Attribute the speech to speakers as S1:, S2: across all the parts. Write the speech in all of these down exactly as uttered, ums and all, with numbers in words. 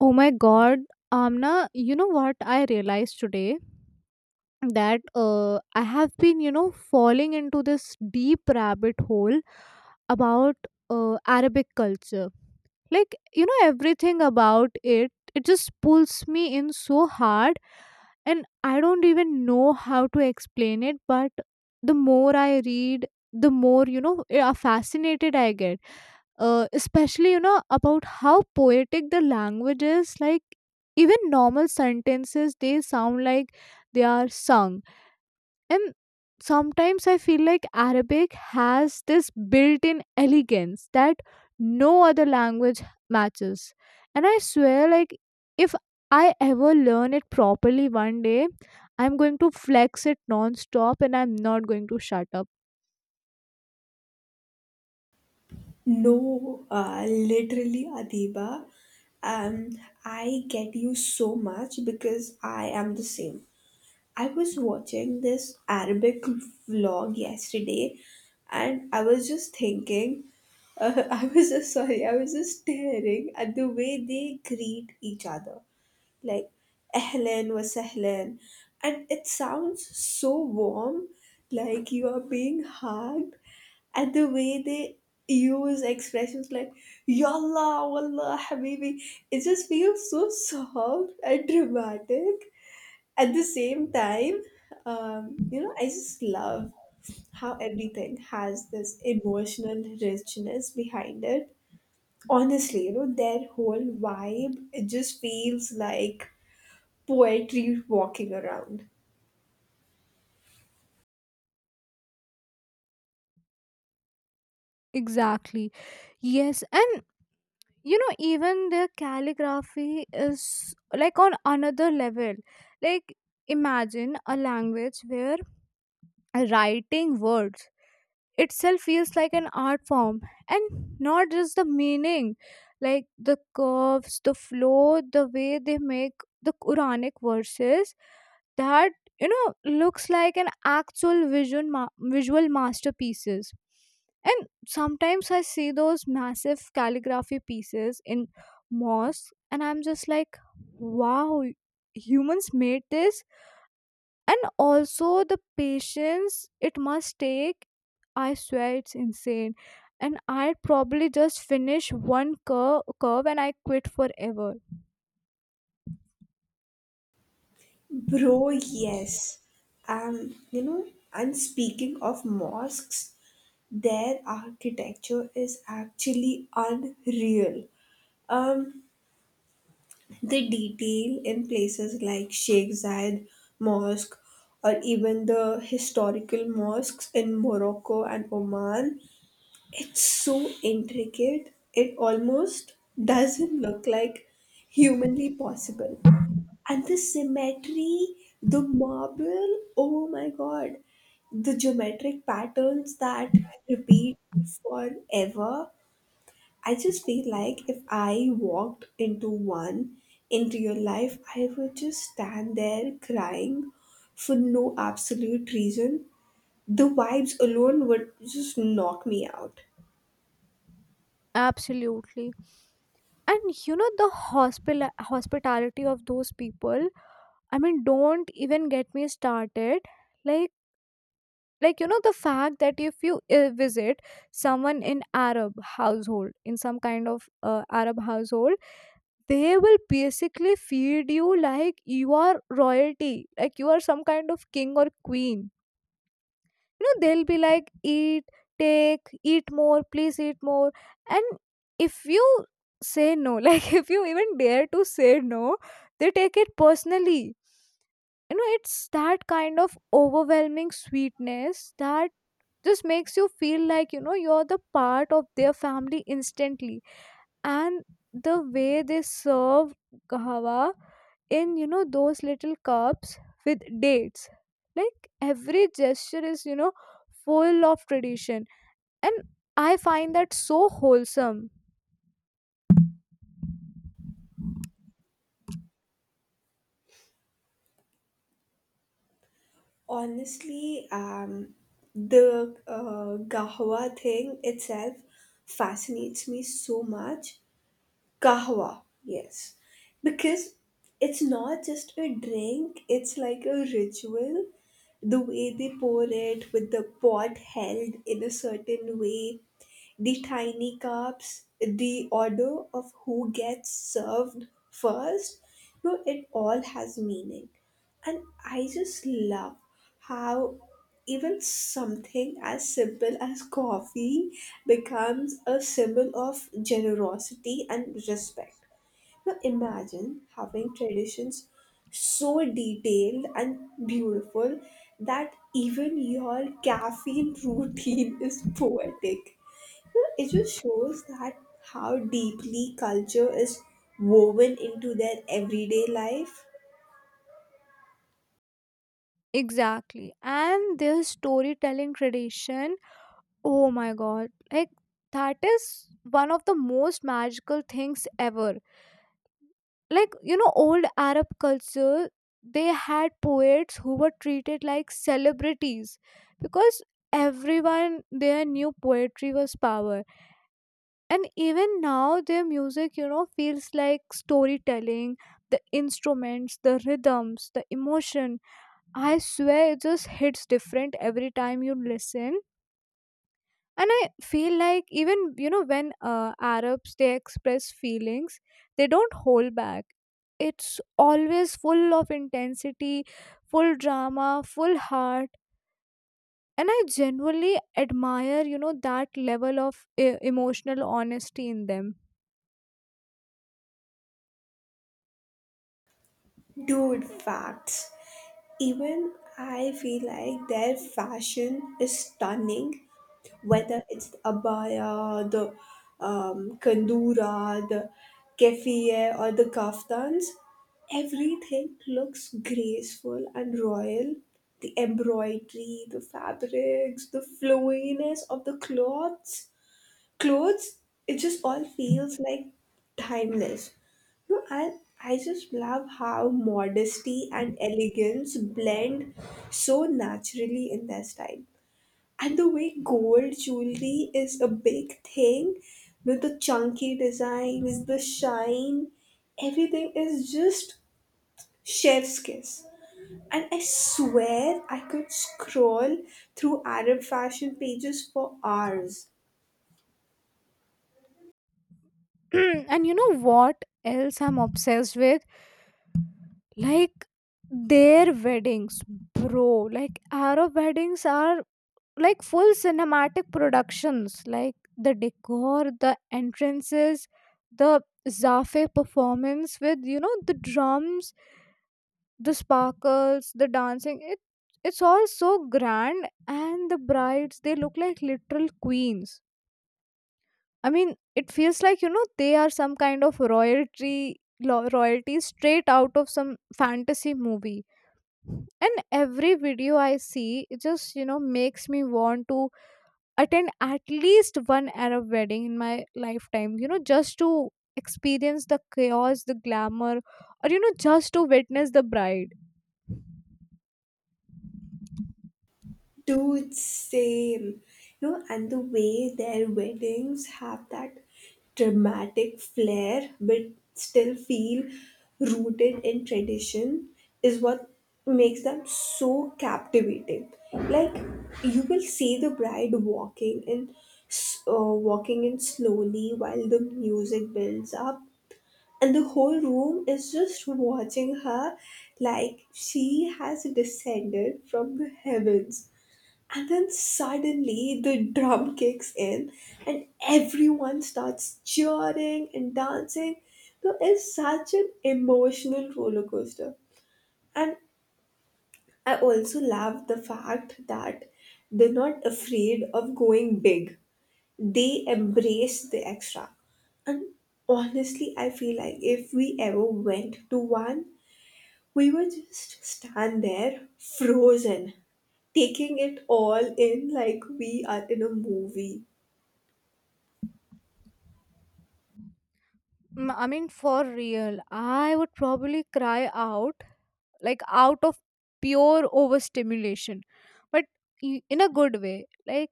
S1: Oh my god, Amna, you know what I realized today? That uh, I have been, you know, falling into this deep rabbit hole about uh, Arabic culture. Like, you know, everything about it, it just pulls me in so hard, and I don't even know how to explain it. But the more I read, the more, you know, eh, fascinated I get, uh, especially, you know, about how poetic the language is. Like, even normal sentences, they sound like they are sung. And sometimes I feel like Arabic has this built in elegance that no other language matches. And I swear, like, if I ever learn it properly one day, I'm going to flex it non stop and I'm not going to shut up.
S2: No, uh, literally, Adiba. Um, I get you so much because I am the same. I was watching this Arabic vlog yesterday and I was just thinking, uh, I was just sorry, I was just staring at the way they greet each other. Like, Ahlan wa Sahlan. And it sounds so warm, like you are being hugged. And the way they use expressions like Yallah, Wallah, Habibi, it just feels so soft and dramatic at the same time. um, you know, I just love how everything has this emotional richness behind it. Honestly, you know, their whole vibe, it just feels like poetry walking around.
S1: Exactly. Yes. And you know, even their calligraphy is like on another level. Like, imagine a language where writing words itself feels like an art form and not just the meaning. Like the curves, the flow, the way they make the quranic verses that, you know, looks like an actual vision ma- visual masterpieces. And sometimes I see those massive calligraphy pieces in mosques, and I'm just like, wow, humans made this. And also the patience it must take, I swear it's insane. And I'd probably just finish one cur- curve and I quit forever.
S2: Bro, yes. Um, you know, and speaking of mosques, their architecture is actually unreal. Um, The detail in places like Sheikh Zayed Mosque or even the historical mosques in Morocco and Oman, it's so intricate, it almost doesn't look like humanly possible. And the symmetry, the marble, oh my god, the geometric patterns that repeat forever. I just feel like if I walked into one, into your life, I would just stand there crying for no absolute reason. The vibes alone would just knock me out.
S1: Absolutely. And you know, the hospital hospitality of those people, I mean, don't even get me started. Like, like you know, the fact that if you uh, visit someone in arab household in some kind of uh, arab household, they will basically feed you like you are royalty, like you are some kind of king or queen. You know, they'll be like, eat, take, eat more, please eat more. And if you say no, like if you even dare to say no, they take it personally. You know, it's that kind of overwhelming sweetness that just makes you feel like, you know, you're the part of their family instantly. And the way they serve kahawa in, you know, those little cups with dates, like every gesture is, you know, full of tradition, and I find that so wholesome.
S2: Honestly, um, the uh, Gahawa thing itself fascinates me so much. Kahwa, yes. Because it's not just a drink, it's like a ritual. The way they pour it with the pot held in a certain way, the tiny cups, the order of who gets served first. No, it all has meaning. And I just love how even something as simple as coffee becomes a symbol of generosity and respect. Now imagine having traditions so detailed and beautiful that even your caffeine routine is poetic. You know, It just shows that how deeply culture is woven into their everyday life.
S1: Exactly. And this storytelling tradition, oh my god, like that is one of the most magical things ever. Like, you know, old arab culture, they had poets who were treated like celebrities because everyone there knew poetry was power. And even now their music, you know, feels like storytelling. The instruments, the rhythms, the emotion, I swear it just hits different every time you listen. And I feel like even, you know, when uh, arabs, they express feelings, they don't hold back. It's always full of intensity, full drama, full heart. And I genuinely admire, you know, that level of uh, emotional honesty in them.
S2: Dude, facts. Even I feel like their fashion is stunning, whether it's the abaya, the um, kandura, the kefiye, or the kaftans. Everything looks graceful and royal. The embroidery, the fabrics, the flowiness of the cloths clothes, it just all feels like timeless. No, i i just love how modesty and elegance blend so naturally in their style. And the way gold jewelry is a big thing, with the chunky designs, the shine, everything is just chef's kiss. And I swear I could scroll through Arab fashion pages for hours.
S1: And you know what else I'm obsessed with? Like, their weddings, bro. Like Arab weddings are like full cinematic productions. Like the decor, the entrances, the Zafe performance with, you know, the drums, the sparkles, the dancing. It it's all so grand, and the brides they look like literal queens. I mean, it feels like, you know, they are some kind of royalty lo- royalty straight out of some fantasy movie. And every video I see, it just, you know, makes me want to attend at least one Arab wedding in my lifetime, you know, just to experience the chaos, the glamour, or, you know, just to witness the bride.
S2: Dude, same. You know, and the way their weddings have that dramatic flair but still feel rooted in tradition is what makes them so captivating. Like, you will see the bride walking in, s- uh, walking in slowly while the music builds up, and the whole room is just watching her like she has descended from the heavens, and then suddenly the drum kicks in and everyone starts cheering and dancing. So it's such an emotional roller coaster. And I also love the fact that they're not afraid of going big, they embrace the extra. And honestly, I feel like if we ever went to one, we would just stand there frozen, taking it all in like we are in a movie.
S1: Mm, I mean, for real, I would probably cry out, like out of pure overstimulation, but i- in a good way. Like,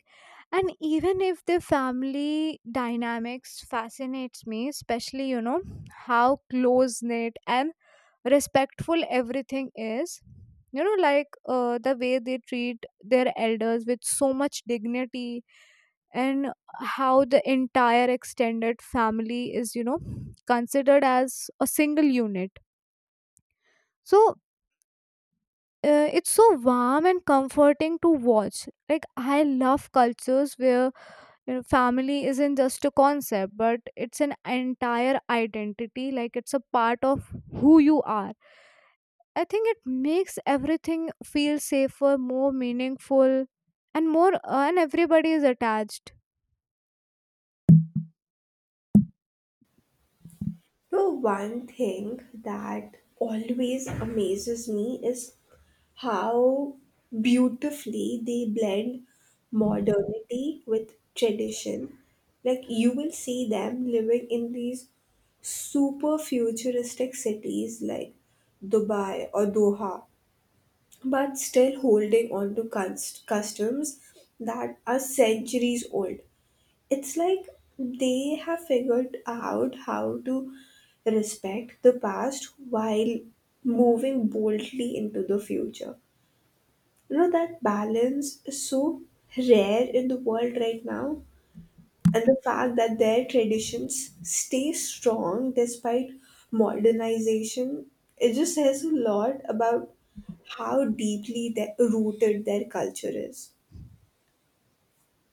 S1: and even if the family dynamics fascinates me, especially, you know, how close knit and respectful everything is. You know, like uh, the way they treat their elders with so much dignity, and how the entire extended family is, you know, considered as a single unit. So uh, it's so warm and comforting to watch. Like I love cultures where, you know, family isn't just a concept, but it's an entire identity. Like it's a part of who you are. I think it makes everything feel safer, more meaningful, and more. Uh, and everybody is attached.
S2: Now, one thing that always amazes me is how beautifully they blend modernity with tradition. Like, you will see them living in these super futuristic cities like Dubai or Doha, but still holding on to cust- customs that are centuries old. It's like they have figured out how to respect the past while moving boldly into the future. You know, that balance is so rare in the world right now. And the fact that their traditions stay strong despite modernization, it just says a lot about how deeply that rooted their culture is.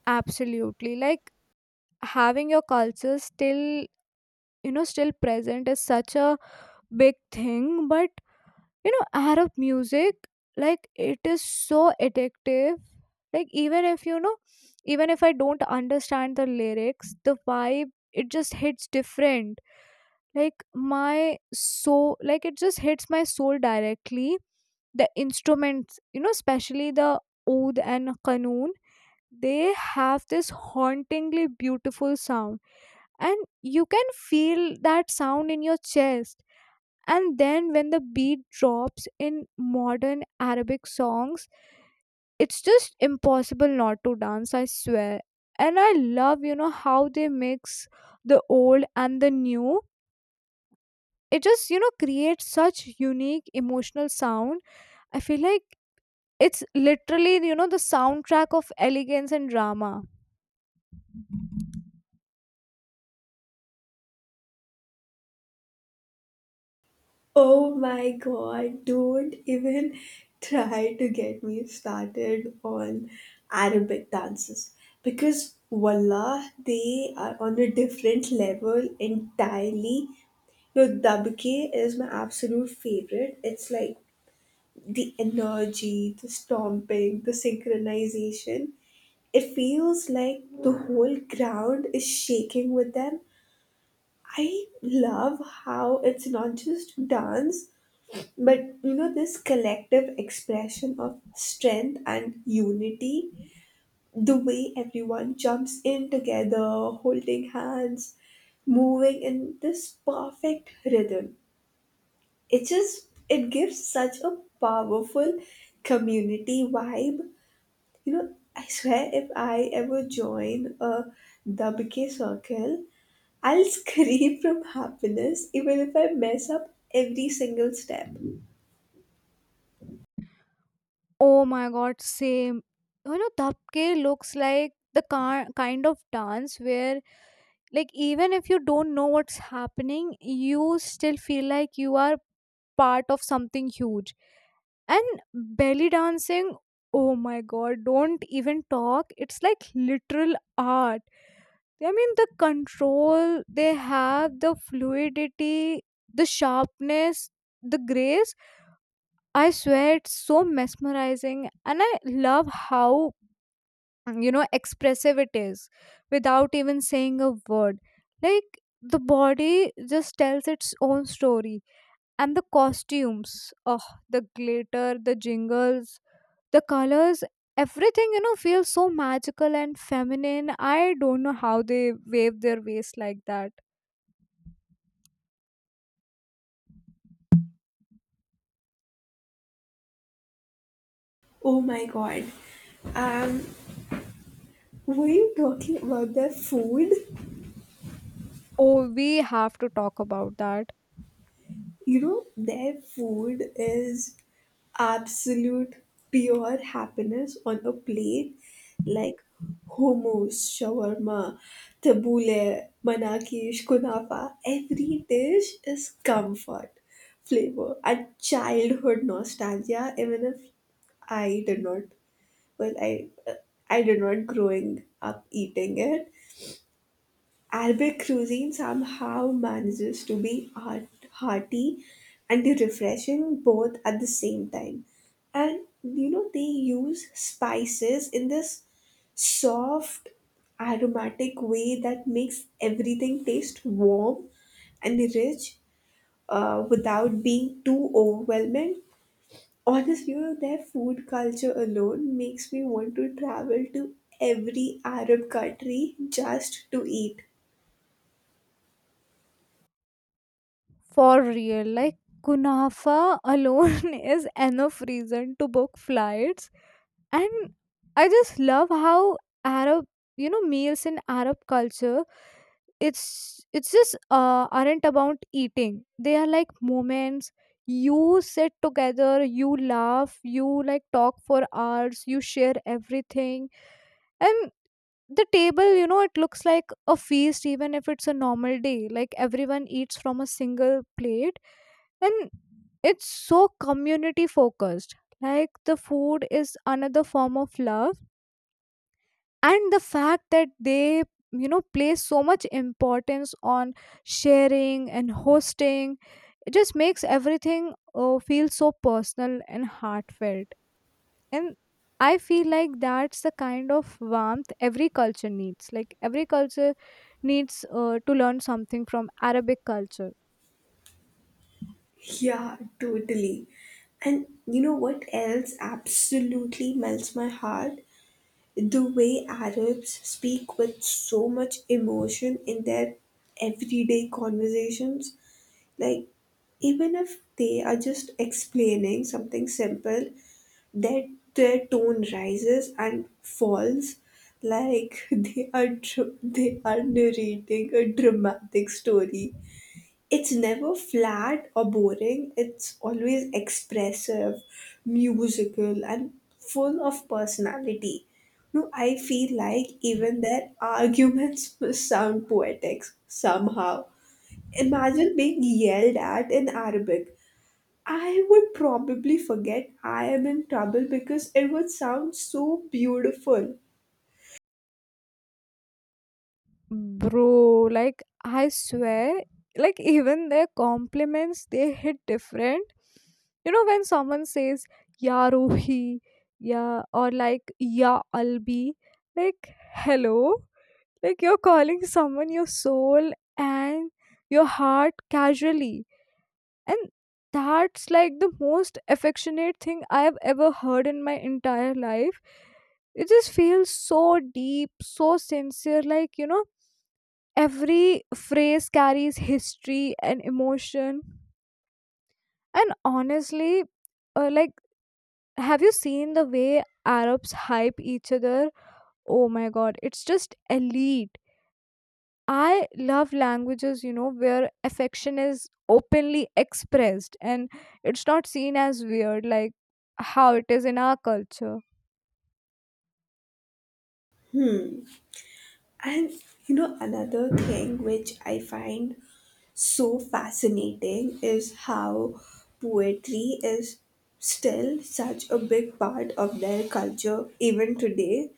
S1: Absolutely. Like having your culture still, you know, still present is such a big thing. But you know, arab music, like it is so addictive. Like even if you know, even if I don't understand the lyrics, the vibe it just hits different, like my soul, like it just hits my soul directly. The instruments, you know, especially the oud and qanun, they have this hauntingly beautiful sound, and you can feel that sound in your chest. And then when the beat drops in modern arabic songs, it's just impossible not to dance, I swear. And I love, you know, how they mix the old and the new. It just, you know, creates such unique emotional sound. I feel like it's literally, you know, the soundtrack of elegance and drama.
S2: Oh my god, don't even try to get me started on Arabic dances because wallah, they are on a different level entirely. No, dabke is my absolute favorite. It's like the energy, the stomping, the synchronization. It feels like the whole ground is shaking with them. I love how it's not just dance but, you know, this collective expression of strength and unity, the way everyone jumps in together, holding hands, moving in this perfect rhythm. It just, it gives such a powerful community vibe. You know, I swear if I ever join a W K circle, I'll scream from happiness even if I mess up every single step.
S1: Oh my god, same. You know, dabke looks like the car- kind of dance where, like even if you don't know what's happening, you still feel like you are part of something huge. And belly dancing, oh my god, don't even talk, it's like literal art. I mean the control they have, the fluidity, the sharpness, the grace, I swear it's so mesmerizing. And I love how, Mm, you know, expressive it is without even saying a word. Like the body just tells its own story. And the costumes, oh, the glitter, the jingles, the colors, everything, you know, feels so magical and feminine. I don't know how they wave their waist like that.
S2: Oh my god. Um Were you talking about their food?
S1: Oh, we have to talk about that.
S2: You know, their food is absolute pure happiness on a plate, like hummus, shawarma, tabbouleh, manakish, kunafa. Every dish is comfort, flavor, and childhood nostalgia. Even if I did not, well, I I did not growing up eating it, Arabic cuisine somehow manages to be heart- hearty and refreshing both at the same time. And you know, they use spices in this soft, aromatic way that makes everything taste warm and rich, uh, without being too overwhelming. Honestly, you know, their food culture alone makes me want to travel to every Arab country just to eat.
S1: For real, like kunafa alone is enough reason to book flights. And I just love how arab, you know, meals in arab culture, it's it's just uh, aren't about eating, they are like moments. You sit together, you laugh, you like talk for hours, you share everything. And the table, you know, it looks like a feast even if it's a normal day. Like everyone eats from a single plate. And it's so community focused, like the food is another form of love. And the fact that they, you know, place so much importance on sharing and hosting, it just makes everything uh, feel so personal and heartfelt. And I feel like that's the kind of warmth every culture needs. Like every culture needs uh, to learn something from arabic culture.
S2: Yeah, totally. And you know what else absolutely melts my heart? The way Arabs speak with so much emotion in their everyday conversations. Like, even if they are just explaining something simple, their, their tone rises and falls like they are dr- they are narrating a dramatic story. It's never flat or boring. It's always expressive, musical, and full of personality. No, I feel like even their arguments must sound poetic somehow. Imagine being yelled at in Arabic. I would probably forget I am in trouble because it would sound so beautiful.
S1: Bro, like I swear, like even their compliments they hit different. You know when someone says "Ya Ruhi," yeah, or like "Ya Albi," like hello, like you're calling someone your soul and your heart casually, and that's like the most affectionate thing I have ever heard in my entire life. It just feels so deep, so sincere, like you know, every phrase carries history and emotion. And honestly, uh, like, have you seen the way Arabs hype each other? Oh my god, it's just elite. I love languages, you know, where affection is openly expressed and it's not seen as weird like how it is in our culture.
S2: And you know, another thing which I find so fascinating is how poetry is still such a big part of their culture even today.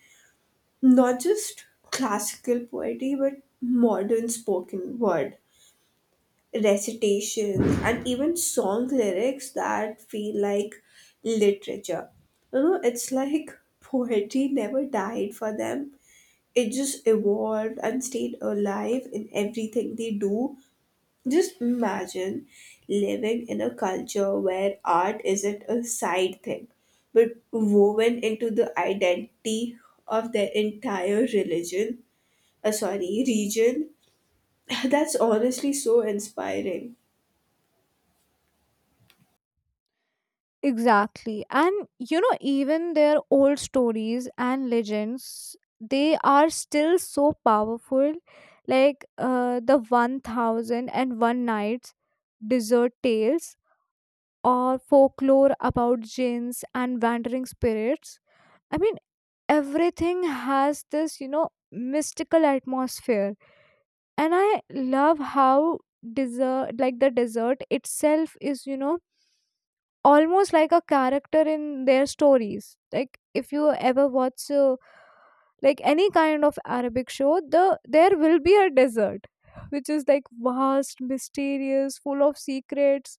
S2: Not just classical poetry, but modern spoken word, recitations, and even song lyrics that feel like literature. You know, it's like poetry never died for them, it just evolved and stayed alive in everything they do. Just imagine living in a culture where art isn't a side thing, but woven into the identity of their entire religion, uh, sorry, region. That's honestly so inspiring.
S1: Exactly. And you know, even their old stories and legends, they are still so powerful. Like uh, the one thousand and one Nights, Desert Tales, or folklore about jinns and wandering spirits. I mean, everything has this, you know, mystical atmosphere. And I love how desert, like the desert itself, is, you know, almost like a character in their stories. Like if you ever watch uh, like any kind of Arabic show, the there will be a desert which is like vast, mysterious, full of secrets.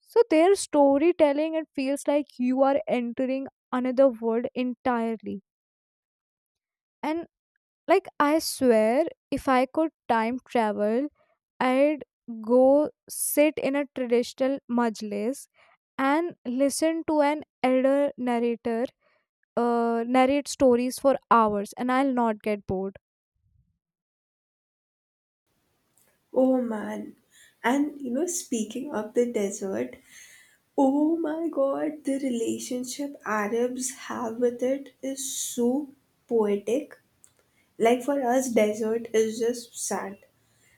S1: So their storytelling, it feels like you are entering another world entirely. And like I swear, if I could time travel, I'd go sit in a traditional majlis and listen to an elder narrator uh, narrate stories for hours, and I'll not get bored.
S2: Oh man. And you know, speaking of the desert, oh my god, the relationship Arabs have with it is so poetic. Like for us, desert is just sand,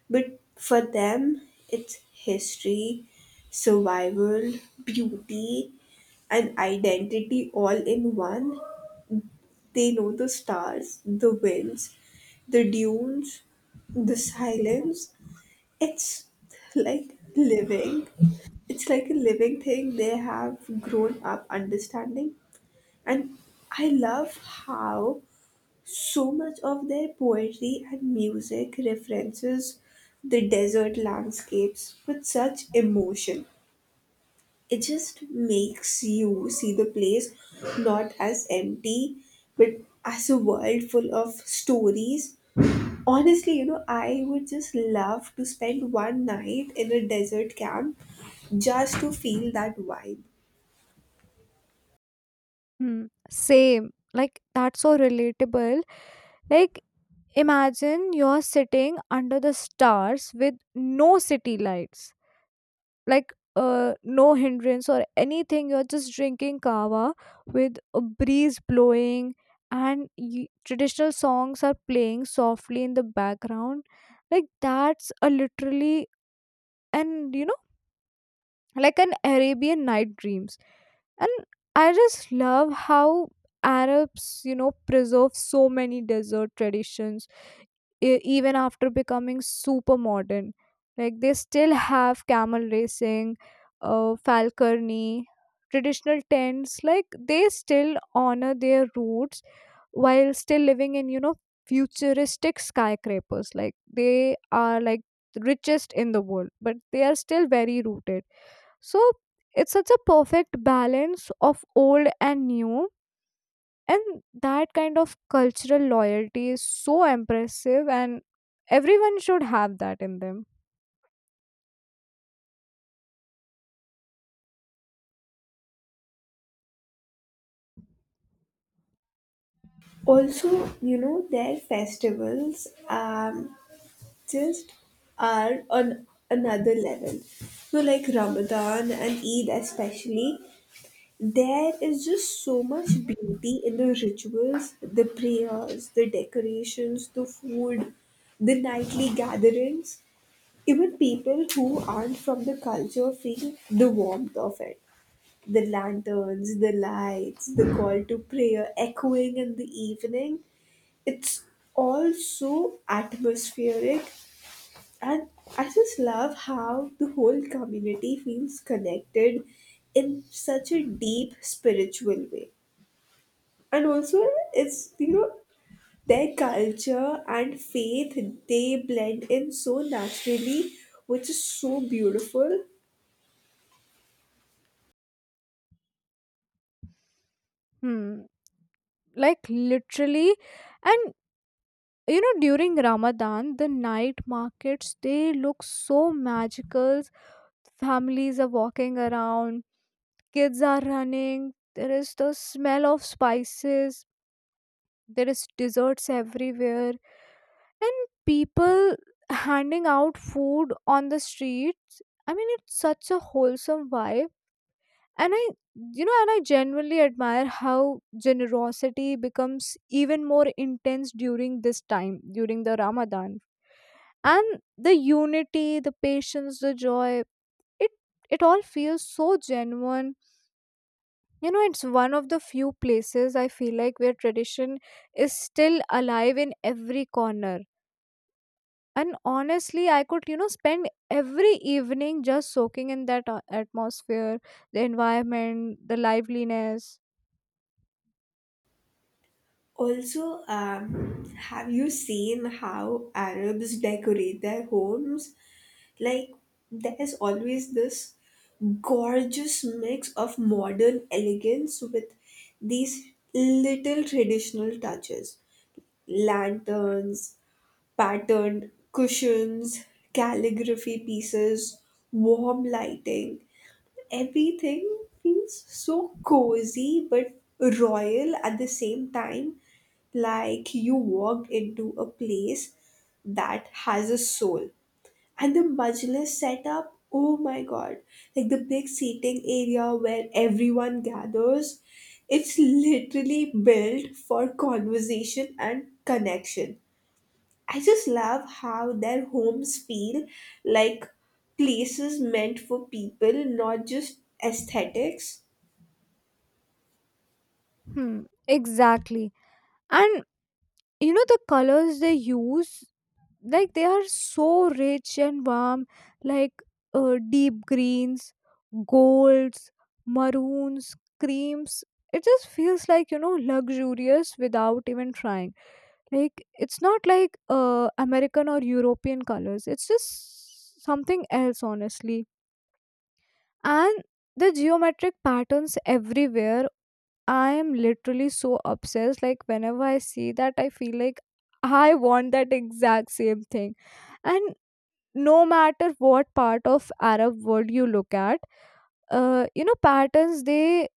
S2: but for them, it's history, survival, beauty, and identity all in one. They know the stars, the winds, the dunes, the silence. It's like living. It's like a living thing they have grown up understanding. And I love how so much of their poetry and music references the desert landscapes with such emotion. It just makes you see the place not as empty, but as a world full of stories. Honestly, you know, I would just love to spend one night in a desert camp just to feel that vibe.
S1: Hmm. Same. Like that's so relatable. Like imagine you're sitting under the stars with no city lights. Like uh, no hindrance or anything, you're just drinking kava with a breeze blowing, and y- traditional songs are playing softly in the background. Like that's a literally, and you know, like an Arabian night dreams. And I just love how Arabs, you know, preserve so many desert traditions e- even after becoming super modern. Like they still have camel racing, uh, falconry, traditional tents. Like they still honor their roots while still living in, you know, futuristic skyscrapers. Like they are like the richest in the world, but they are still very rooted. So it's such a perfect balance of old and new. And that kind of cultural loyalty is so impressive, and everyone should have that in them.
S2: Also, you know, their festivals um, just are on another level. So like Ramadan and Eid especially, there is just so much beauty in the rituals, the prayers, the decorations, the food, the nightly gatherings. Even people who aren't from the culture feel the warmth of it. The lanterns, the lights, the call to prayer echoing in the evening. It's all so atmospheric. And I just love how the whole community feels connected in such a deep spiritual way. And also, it's, you know, their culture and faith, they blend in so naturally, which is so beautiful.
S1: Hmm. Like literally, and you know, during Ramadan, the night markets they look so magical. Families are walking around, kids are running, there is the smell of spices, there is desserts everywhere, and people handing out food on the streets. I mean, it's such a wholesome vibe. And I, you know, and I genuinely admire how generosity becomes even more intense during this time, during the ramadan. And the unity, the patience, the joy, it it all feels so genuine. You know, it's one of the few places I feel like where tradition is still alive in every corner. And honestly, I could, you know, spend every evening just soaking in that a- atmosphere, the environment, the liveliness.
S2: Also, um, have you seen how Arabs decorate their homes? Like, there's always this gorgeous mix of modern elegance with these little traditional touches: lanterns, patterned cushions, calligraphy pieces, warm lighting. Everything feels so cozy but royal at the same time, like you walked into a place that has a soul. And the majlis setup, oh my god, like the big seating area where everyone gathers, it's literally built for conversation and connection. I just love how their homes feel like places meant for people, not just aesthetics.
S1: Hmm, exactly. And, you know, the colors they use, like, they are so rich and warm, like uh, deep greens, golds, maroons, creams. It just feels like, you know, luxurious without even trying. Like it's not like uh, american or european colors, it's just something else honestly. And the geometric patterns everywhere, I am literally so obsessed. Like whenever I see that I feel like I want that exact same thing. And no matter what part of arab world you look at, uh, you know, patterns, they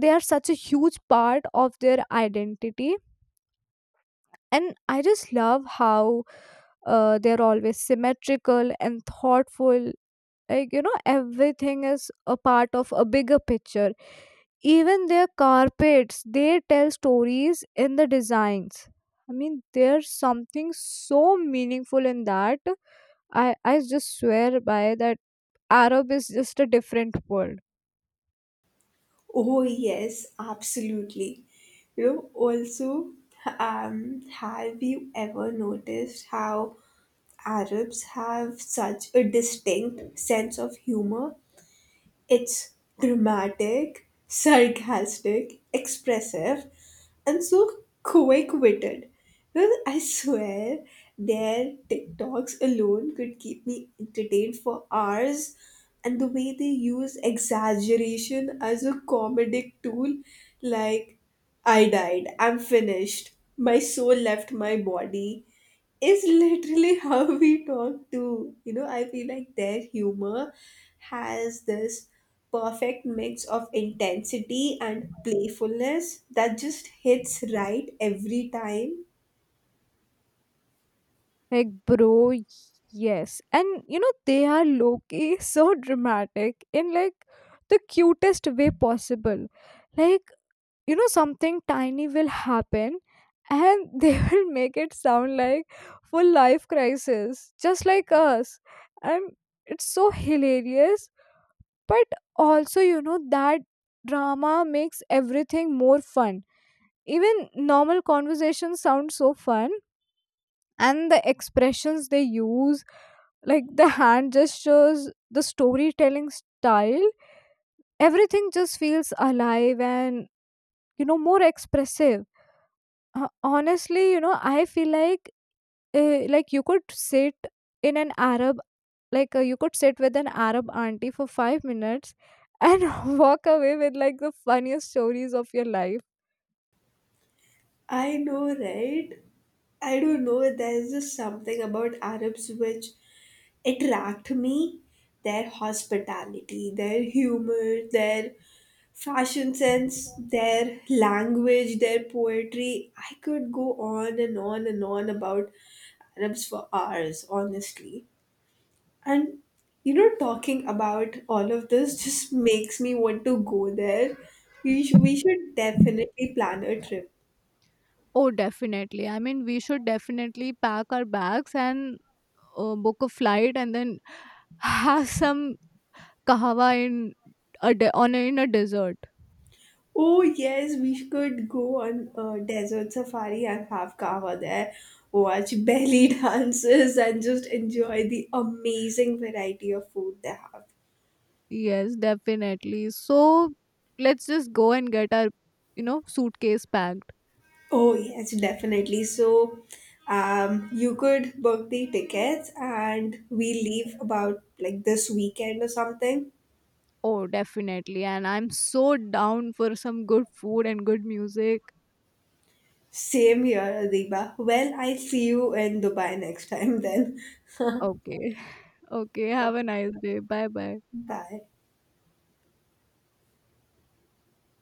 S1: they are such a huge part of their identity. And I just love how uh, they're always symmetrical and thoughtful. Like, you know, everything is a part of a bigger picture. Even their carpets, they tell stories in the designs. I mean, there's something so meaningful in that. I, I just swear by that, Arab is just a different world.
S2: Oh, yes, absolutely. You know, also, um, have you ever noticed how Arabs have such a distinct sense of humor? It's dramatic, sarcastic, expressive, and so quick witted. Well, I swear their TikToks alone could keep me entertained for hours. And the way they use exaggeration as a comedic tool, like, I died. I'm finished. My soul left my body. Is literally how we talk to. You know, I feel like their humor has this perfect mix of intensity and playfulness that just hits right every time.
S1: Like, bro, yes. And you know, they are low key so dramatic in like the cutest way possible. Like, you know, something tiny will happen and they will make it sound like full life crisis, just like us. And it's so hilarious, but also, you know, that drama makes everything more fun. Even normal conversations sound so fun. And the expressions they use, like the hand gestures, the storytelling style, everything just feels alive and, you know, more expressive. uh, honestly, you know, I feel like, uh, like you could sit in an arab like uh, you could sit with an arab auntie for five minutes and walk away with like the funniest stories of your life.
S2: I know, right? I don't know. There's just something about Arabs which attract me. Their hospitality, their humor, their fashion sense, their language, their poetry. I could go on and on and on about Arabs for hours, honestly. And you know, talking about all of this just makes me want to go there. We, sh- we should definitely plan a trip.
S1: Oh, definitely. I mean, we should definitely pack our bags and uh, book a flight, and then have some kahwa in a de- on a, in a desert.
S2: Oh, yes, we could go on a desert safari and have kava there, watch belly dances, and just enjoy the amazing variety of food they have.
S1: Yes, definitely. So let's just go and get our, you know, suitcase packed.
S2: Oh, yes, definitely. So, um, you could book the tickets and we leave about like this weekend or something.
S1: Oh, definitely. And I'm so down for some good food and good music.
S2: Same here, Adiba. Well, I see you in Dubai next time then.
S1: Okay. Okay. Have a nice day. Bye bye.
S2: Bye.